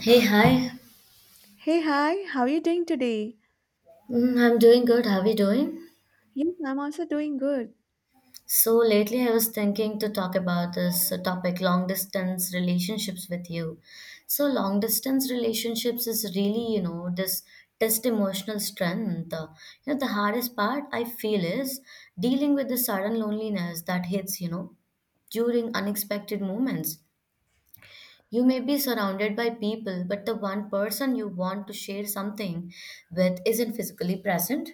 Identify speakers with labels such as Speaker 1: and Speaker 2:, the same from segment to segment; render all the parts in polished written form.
Speaker 1: Hey, hi.
Speaker 2: Hey, hi, how are you doing today?
Speaker 1: I'm doing good. How are you doing?
Speaker 2: Yes, I'm also doing good.
Speaker 1: So, lately I was thinking to talk about this topic long distance relationships with you. So, long distance relationships is really, this test emotional strength. The hardest part I feel is dealing with the sudden loneliness that hits, during unexpected moments. You may be surrounded by people, but the one person you want to share something with isn't physically present.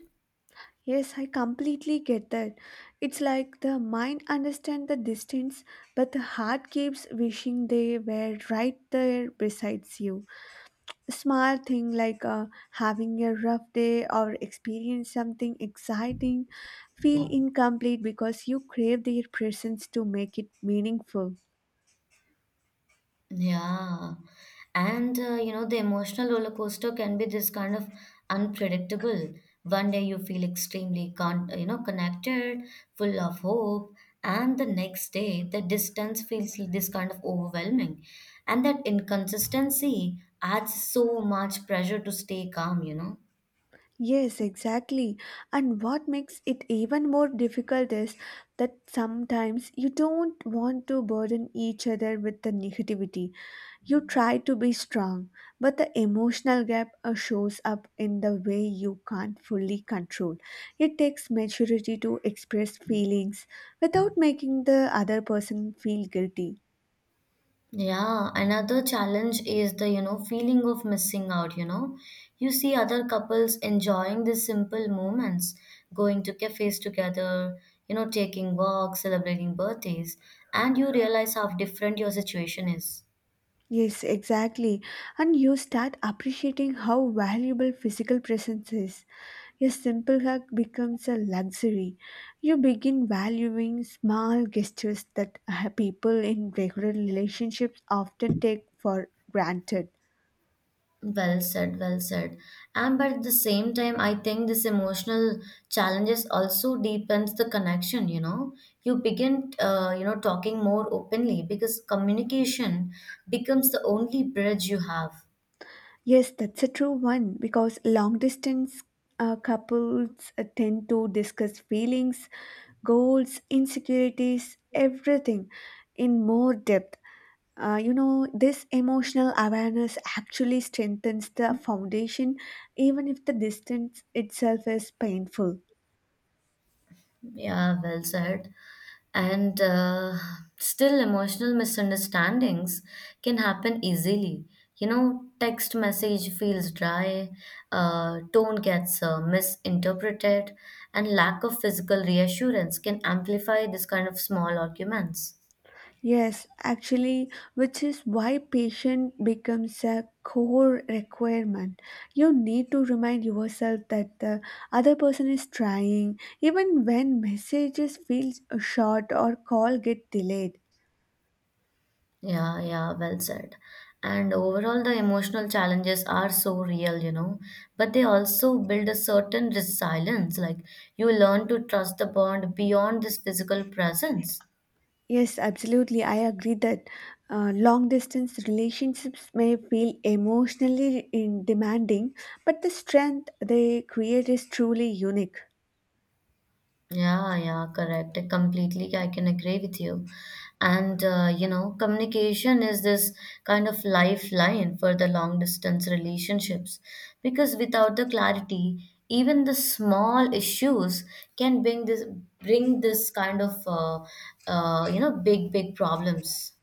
Speaker 2: Yes, I completely get that. It's like the mind understands the distance, but the heart keeps wishing they were right there besides you. Small thing like having a rough day or experience something exciting feel incomplete because you crave their presence to make it meaningful.
Speaker 1: Yeah. And the emotional roller coaster can be this kind of unpredictable. One day you feel extremely con connected, full of hope, and the next day the distance feels this kind of overwhelming. And that inconsistency adds so much pressure to stay calm.
Speaker 2: Yes, exactly. And what makes it even more difficult is that sometimes you don't want to burden each other with the negativity. You try to be strong, but the emotional gap shows up in the way you can't fully control. It takes maturity to express feelings without making the other person feel guilty.
Speaker 1: Yeah, another challenge is the feeling of missing out, you know. You see other couples enjoying these simple moments, going to cafes together, taking walks, celebrating birthdays, and you realize how different your situation is.
Speaker 2: Yes, exactly. And you start appreciating how valuable physical presence is. A simple hug becomes a luxury. You begin valuing small gestures that people in regular relationships often take for granted.
Speaker 1: Well said, well said. And but at the same time, I think this emotional challenges also deepens the connection. You begin, talking more openly because communication becomes the only bridge you have.
Speaker 2: Yes, that's a true one because long distance couples tend to discuss feelings, goals, insecurities, everything in more depth. This emotional awareness actually strengthens the foundation, even if the distance itself is painful.
Speaker 1: Yeah, well said. And still, emotional misunderstandings can happen easily. You know, text message feels dry, tone gets misinterpreted, and lack of physical reassurance can amplify this kind of small arguments.
Speaker 2: Yes, actually, which is why patience becomes a core requirement. You need to remind yourself that the other person is trying, even when messages feel short or call get delayed.
Speaker 1: Yeah, yeah, well said. And overall, the emotional challenges are so real, but they also build a certain resilience. Like you learn to trust the bond beyond this physical presence.
Speaker 2: Yes, absolutely. I agree that long distance relationships may feel emotionally in demanding, but the strength they create is truly unique.
Speaker 1: Yeah, yeah, correct. Completely, I can agree with you. And communication is this kind of lifeline for the long distance relationships because without the clarity, even the small issues can bring this kind of big big problems.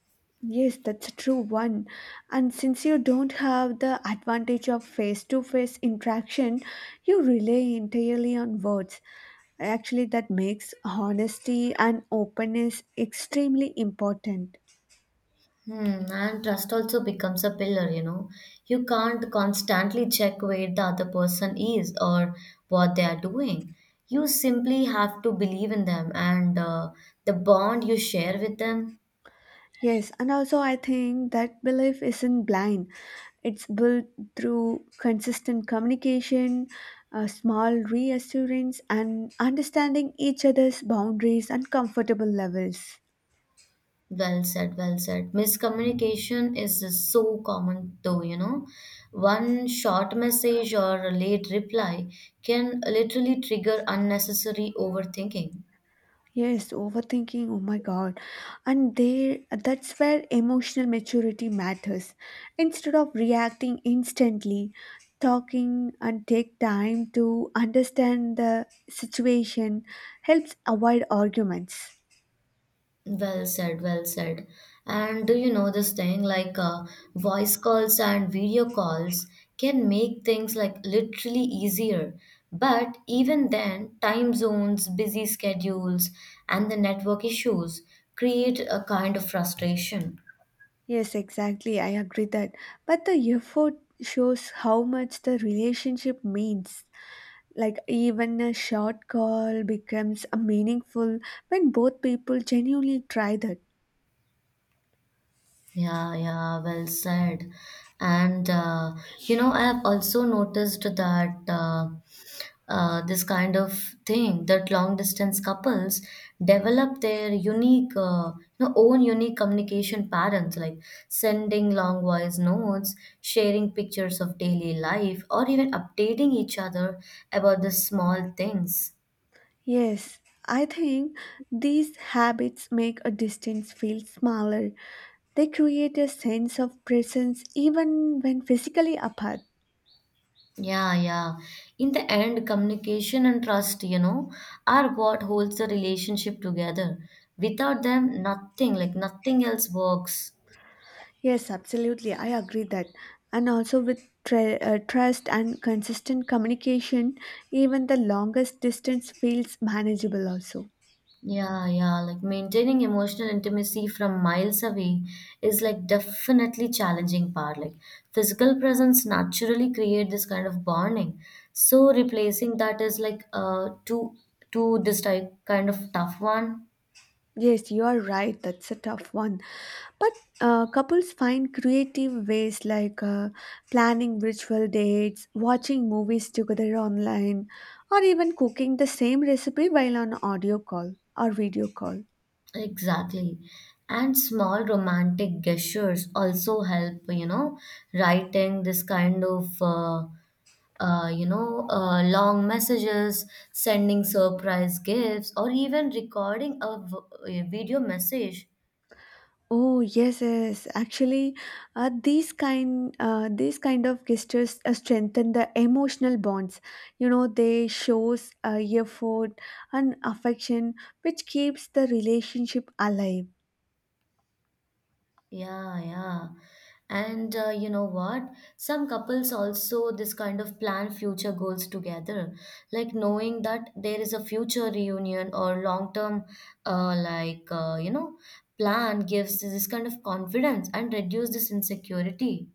Speaker 2: Yes, that's a true one. And since you don't have the advantage of face to face interaction, you rely entirely on words. Actually, that makes honesty and openness extremely important.
Speaker 1: Hmm, and trust also becomes a pillar, you know. You can't constantly check where the other person is or what they are doing. You simply have to believe in them and the bond you share with them.
Speaker 2: Yes, and also I think that belief isn't blind. It's built through consistent communication, small reassurance, and understanding each other's boundaries and comfortable levels.
Speaker 1: Well said, well said. Miscommunication is so common though, you know. One short message or a late reply can literally trigger unnecessary overthinking.
Speaker 2: Yes, overthinking. Oh my God. And there, that's where emotional maturity matters. Instead of reacting instantly, talking and take time to understand the situation helps avoid arguments.
Speaker 1: Well said, well said. And do you know this thing like voice calls and video calls can make things like literally easier. But even then, time zones, busy schedules, and the network issues create a kind of frustration.
Speaker 2: Yes, exactly. I agree that. But the effort shows how much the relationship means. Like even a short call becomes a meaningful when both people genuinely try that.
Speaker 1: Yeah, yeah, well said. And I have also noticed that this kind of thing that long distance couples develop their unique own unique communication patterns like sending long voice notes sharing pictures of daily life or even updating each other about the small things
Speaker 2: Yes, I think these habits make a distance feel smaller. They create a sense of presence even when physically apart.
Speaker 1: yeah, yeah. In the end, communication and trust, you know, are what holds the relationship together. Without them, nothing, like nothing else works.
Speaker 2: Yes, absolutely. I agree that. And also with trust and consistent communication, even the longest distance feels manageable also.
Speaker 1: Yeah, yeah, like maintaining emotional intimacy from miles away is like definitely challenging part. Like physical presence naturally create this kind of bonding. So replacing that is like to this type kind of tough one.
Speaker 2: Yes, you are right. That's a tough one. But couples find creative ways like planning virtual dates, watching movies together online, or even cooking the same recipe while on audio call or video call.
Speaker 1: Exactly. And small romantic gestures also help, you know, writing this kind of long messages, sending surprise gifts, or even recording a video message.
Speaker 2: Oh yes, yes. Actually, these kind of gestures strengthen the emotional bonds. You know, they shows effort and affection, which keeps the relationship alive.
Speaker 1: Yeah, yeah. And you know what? Some couples also this kind of plan future goals together, like knowing that there is a future reunion or long term, uh, like uh, you know, plan gives this kind of confidence and reduce this insecurity.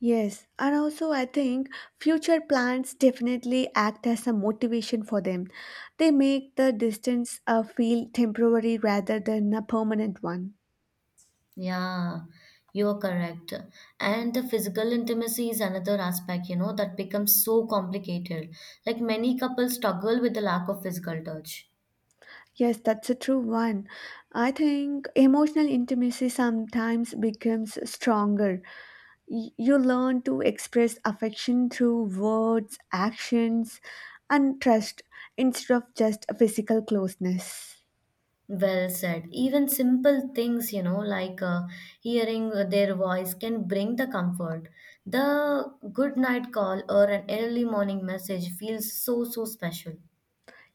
Speaker 2: Yes, and also I think future plans definitely act as a motivation for them. They make the distance feel temporary rather than a permanent one.
Speaker 1: Yeah, you're correct. And the physical intimacy is another aspect, you know, that becomes so complicated. Like many couples struggle with the lack of physical touch.
Speaker 2: Yes, that's a true one. I think emotional intimacy sometimes becomes stronger. You learn to express affection through words, actions, and trust instead of just physical closeness.
Speaker 1: Well said. Even simple things, you know, like hearing their voice can bring the comfort. The good night call or an early morning message feels so, so special.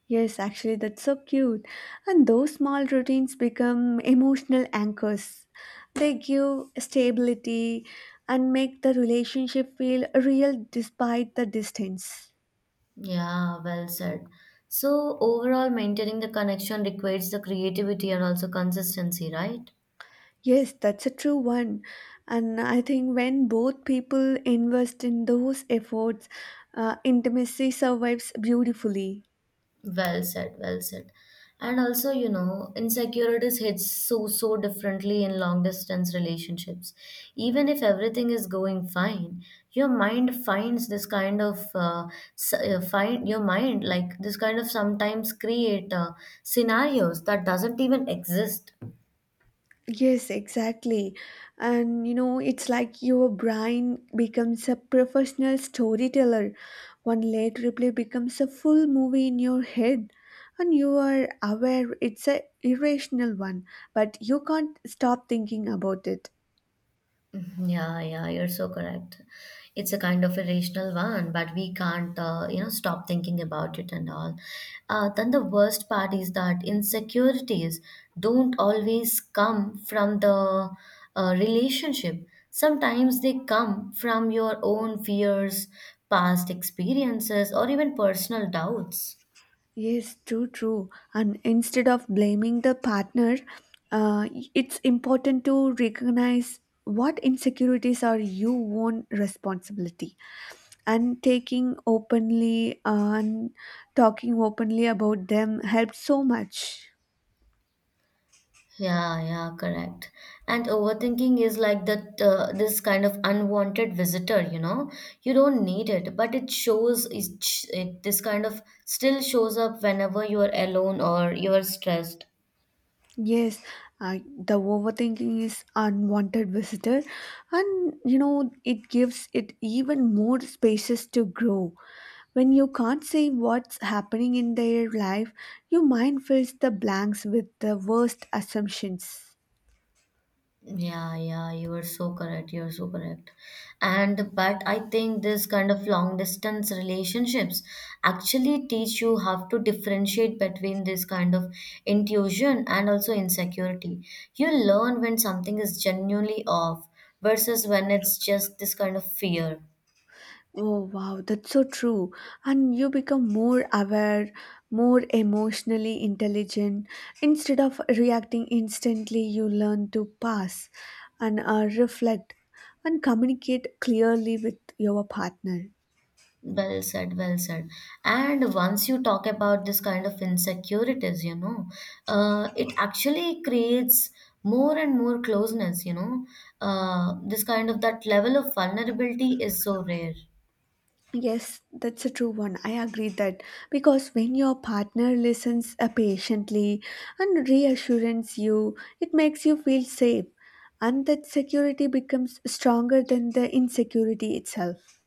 Speaker 2: Yes, actually, that's so cute. And those small routines become emotional anchors. They give stability and make the relationship feel real despite the distance.
Speaker 1: Yeah, well said. So, overall, maintaining the connection requires the creativity and also consistency, right?
Speaker 2: Yes, that's a true one. And I think when both people invest in those efforts, intimacy survives beautifully.
Speaker 1: Well said, well said. And also, you know, insecurities hits so so differently in long distance relationships. Even if everything is going fine, your mind finds this kind of find your mind like this kind of sometimes create scenarios that doesn't even exist
Speaker 2: Yes, exactly. And you know, it's like your brain becomes a professional storyteller. One late replay becomes a full movie in your head, and you are aware it's a irrational one, but you can't stop thinking about it.
Speaker 1: mm-hmm. Yeah, yeah, you're so correct. It's a kind of irrational one, but we can't stop thinking about it and all. Then the worst part is that insecurities don't always come from the relationship. Sometimes they come from your own fears, past experiences, or even personal doubts.
Speaker 2: Yes, true, true. And instead of blaming the partner, uh, it's important to recognize what insecurities are your own responsibility and taking openly and talking openly about them helped so much.
Speaker 1: Yeah, yeah, correct. And overthinking is like that this kind of unwanted visitor, you know. You don't need it, but it this kind of still shows up whenever you are alone or you are stressed.
Speaker 2: Yes, I, the overthinking is unwanted visitor, and you know it gives it even more spaces to grow when you can't see what's happening in their life. Your mind fills the blanks with the worst assumptions.
Speaker 1: Yeah, yeah, you are so correct. You are so correct. And but I think this kind of long distance relationships actually teach you how to differentiate between this kind of intuition and also insecurity. You learn when something is genuinely off versus when it's just this kind of fear.
Speaker 2: Oh, wow, that's so true. And you become more aware, more emotionally intelligent. Instead of reacting instantly, you learn to pass and reflect and communicate clearly with your partner.
Speaker 1: Well said, well said. And once you talk about this kind of insecurities, you know, it actually creates more and more closeness, you know. This kind of that level of vulnerability is so rare.
Speaker 2: Yes, that's a true one. I agree that because when your partner listens patiently and reassures you, it makes you feel safe, and that security becomes stronger than the insecurity itself.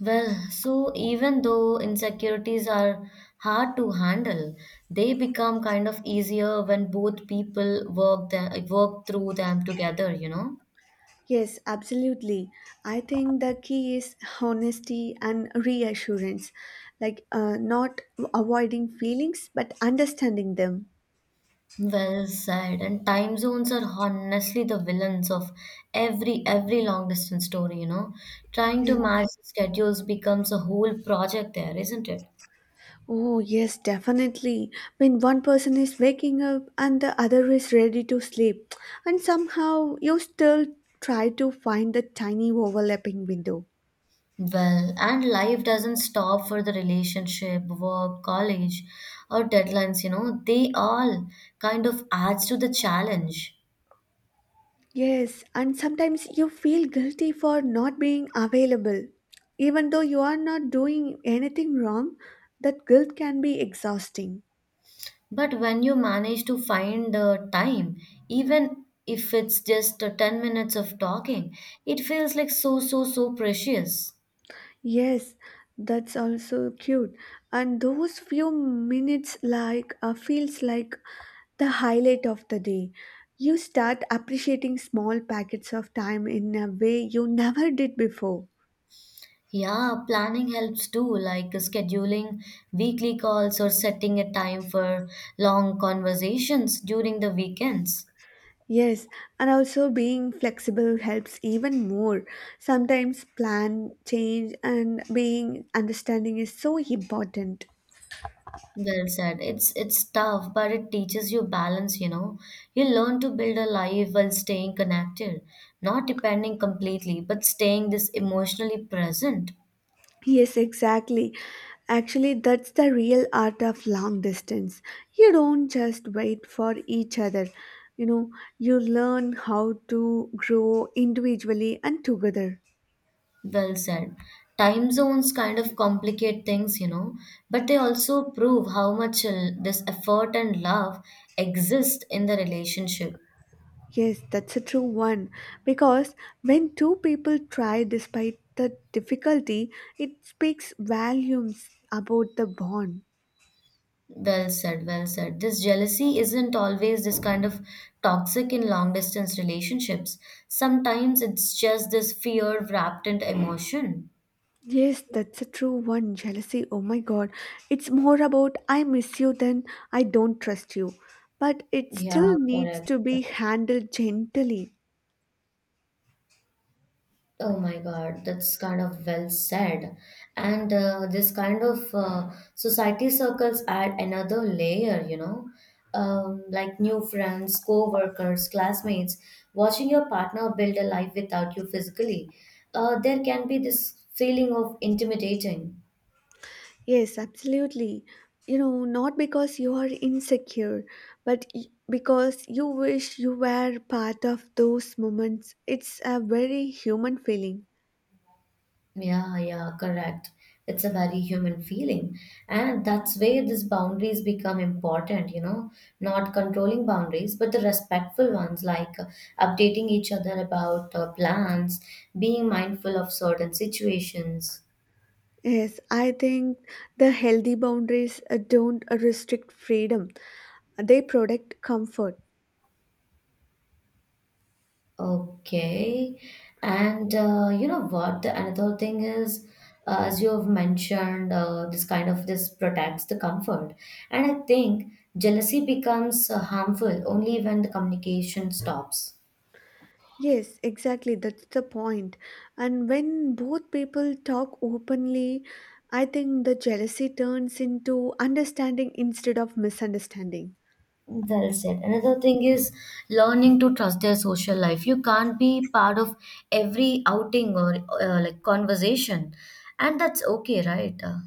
Speaker 1: Well, so even though insecurities are hard to handle, they become kind of easier when both people work through them together, you know.
Speaker 2: Yes, absolutely. I think the key is honesty and reassurance, like not avoiding feelings but understanding them.
Speaker 1: Well said. And time zones are honestly the villains of every long distance story, you know. Trying
Speaker 2: Yeah.
Speaker 1: to match schedules becomes a whole project there, isn't it?
Speaker 2: Oh, yes, definitely. When one person is waking up and the other is ready to sleep, and somehow you still try to find the tiny overlapping window.
Speaker 1: Well, and life doesn't stop for the relationship, work, college, or deadlines, you know. They all kind of adds to the challenge.
Speaker 2: Yes, and sometimes you feel guilty for not being available. Even though you are not doing anything wrong, that guilt can be exhausting.
Speaker 1: But when you manage to find the time, even if it's just 10 minutes of talking, it feels like so, so, so precious.
Speaker 2: Yes, that's also cute. And those few minutes like feels like the highlight of the day. You start appreciating small packets of time in a way you never did before.
Speaker 1: Yeah, planning helps too, like scheduling weekly calls or setting a time for long conversations during the weekends.
Speaker 2: Yes, and also being flexible helps even more. Sometimes plan, change, and being understanding is so important.
Speaker 1: Well said. It's tough, but it teaches you balance, you know. You learn to build a life while staying connected, not depending completely, but staying this emotionally present.
Speaker 2: Yes, exactly. Actually, that's the real art of long distance. You don't just wait for each other. You know, you learn how to grow individually and together.
Speaker 1: Well said. Time zones kind of complicate things, you know, but they also prove how much this effort and love exist in the relationship.
Speaker 2: Yes, that's a true one. Because when two people try despite the difficulty, it speaks volumes about the bond.
Speaker 1: Well said, well said. This jealousy isn't always this kind of toxic in long distance relationships. Sometimes it's just this fear wrapped into emotion.
Speaker 2: Yes, that's a true one. Jealousy, oh my god. It's more about I miss you than I don't trust you. But it
Speaker 1: Yeah,
Speaker 2: still needs
Speaker 1: correct.
Speaker 2: to be handled gently.
Speaker 1: Oh my God, that's kind of well said. And this kind of society circles add another layer, you know, like new friends, co-workers, classmates, watching your partner build a life without you physically. There can be this feeling of intimidating.
Speaker 2: Yes, absolutely. You know, not because you are insecure, but because you wish you were part of those moments. It's a very human feeling.
Speaker 1: Yeah, yeah, correct. It's a very human feeling. And that's where these boundaries become important, you know, not controlling boundaries, but the respectful ones, like updating each other about plans, being mindful of certain situations.
Speaker 2: Yes, I think the healthy boundaries don't restrict freedom, they protect comfort.
Speaker 1: Okay. And you know what? The another thing is, as you have mentioned, this kind of this protects the comfort. And I think jealousy becomes harmful only when the communication stops.
Speaker 2: Yes, exactly. That's the point. And when both people talk openly, I think the jealousy turns into understanding instead of misunderstanding.
Speaker 1: Well said. Another thing is learning to trust their social life. You can't be part of every outing or like conversation, and that's okay, right?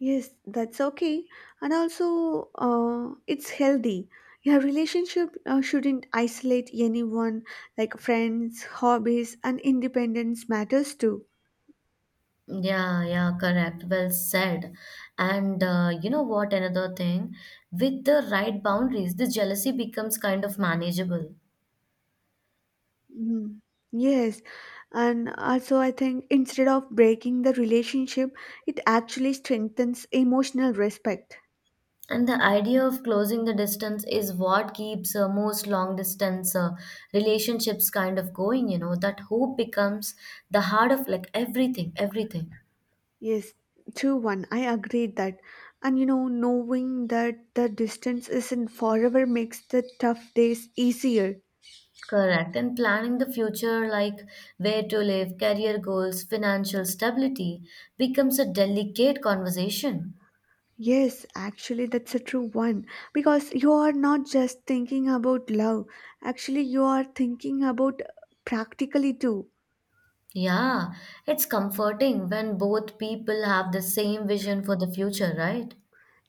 Speaker 2: Yes, that's okay. And also, it's healthy. Your relationship shouldn't isolate anyone, like friends, hobbies, and independence matters too.
Speaker 1: Yeah, yeah, correct. Well said. And you know what? Another thing, with the right boundaries, the jealousy becomes kind of manageable.
Speaker 2: Mm. Yes, and also, I think instead of breaking the relationship, it actually strengthens emotional respect.
Speaker 1: And the idea of closing the distance is what keeps most long distance relationships kind of going, you know, that hope becomes the heart of like everything, everything.
Speaker 2: Yes, true one. I agree that. And you know, knowing that the distance isn't forever makes the tough days easier.
Speaker 1: Correct. And planning the future, like where to live, career goals, financial stability, becomes a delicate conversation.
Speaker 2: Yes, actually, that's a true one because you are not just thinking about love, actually, you are thinking about practically too.
Speaker 1: Yeah, it's comforting when both people have the same vision for the future, right?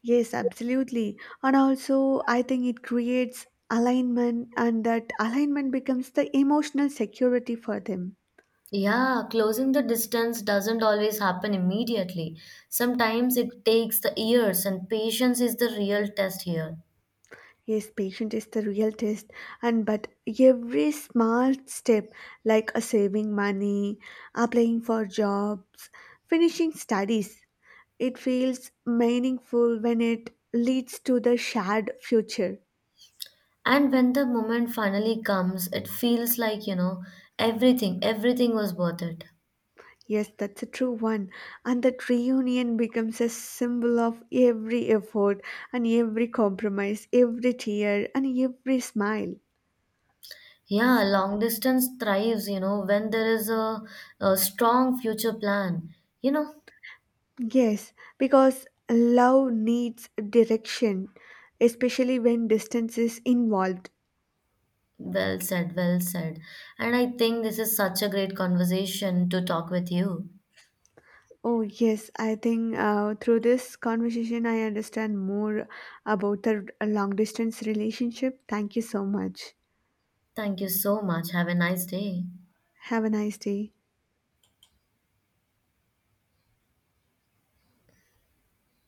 Speaker 2: Yes, absolutely. And also, I think it creates alignment, and that alignment becomes the emotional security for them.
Speaker 1: Yeah, closing the distance doesn't always happen immediately. Sometimes it takes the years, and patience is the real test here.
Speaker 2: Yes, patient is the real test, and but every small step, like saving money, applying for jobs, finishing studies, it feels meaningful when it leads to the shared future.
Speaker 1: And when the moment finally comes, it feels like, you know, everything, everything was worth it.
Speaker 2: Yes, that's a true one. And that reunion becomes a symbol of every effort and every compromise, every tear and every smile.
Speaker 1: Yeah, long distance thrives, you know, when there is a strong future plan. You know,
Speaker 2: Yes, because love needs direction, especially when distance is involved.
Speaker 1: well said, well said. And I think this is such a great conversation to talk with you.
Speaker 2: Oh, yes, I think through this conversation, I understand more about the long distance relationship. Thank you so much.
Speaker 1: Thank you so much. Have a nice day.
Speaker 2: Have a nice day.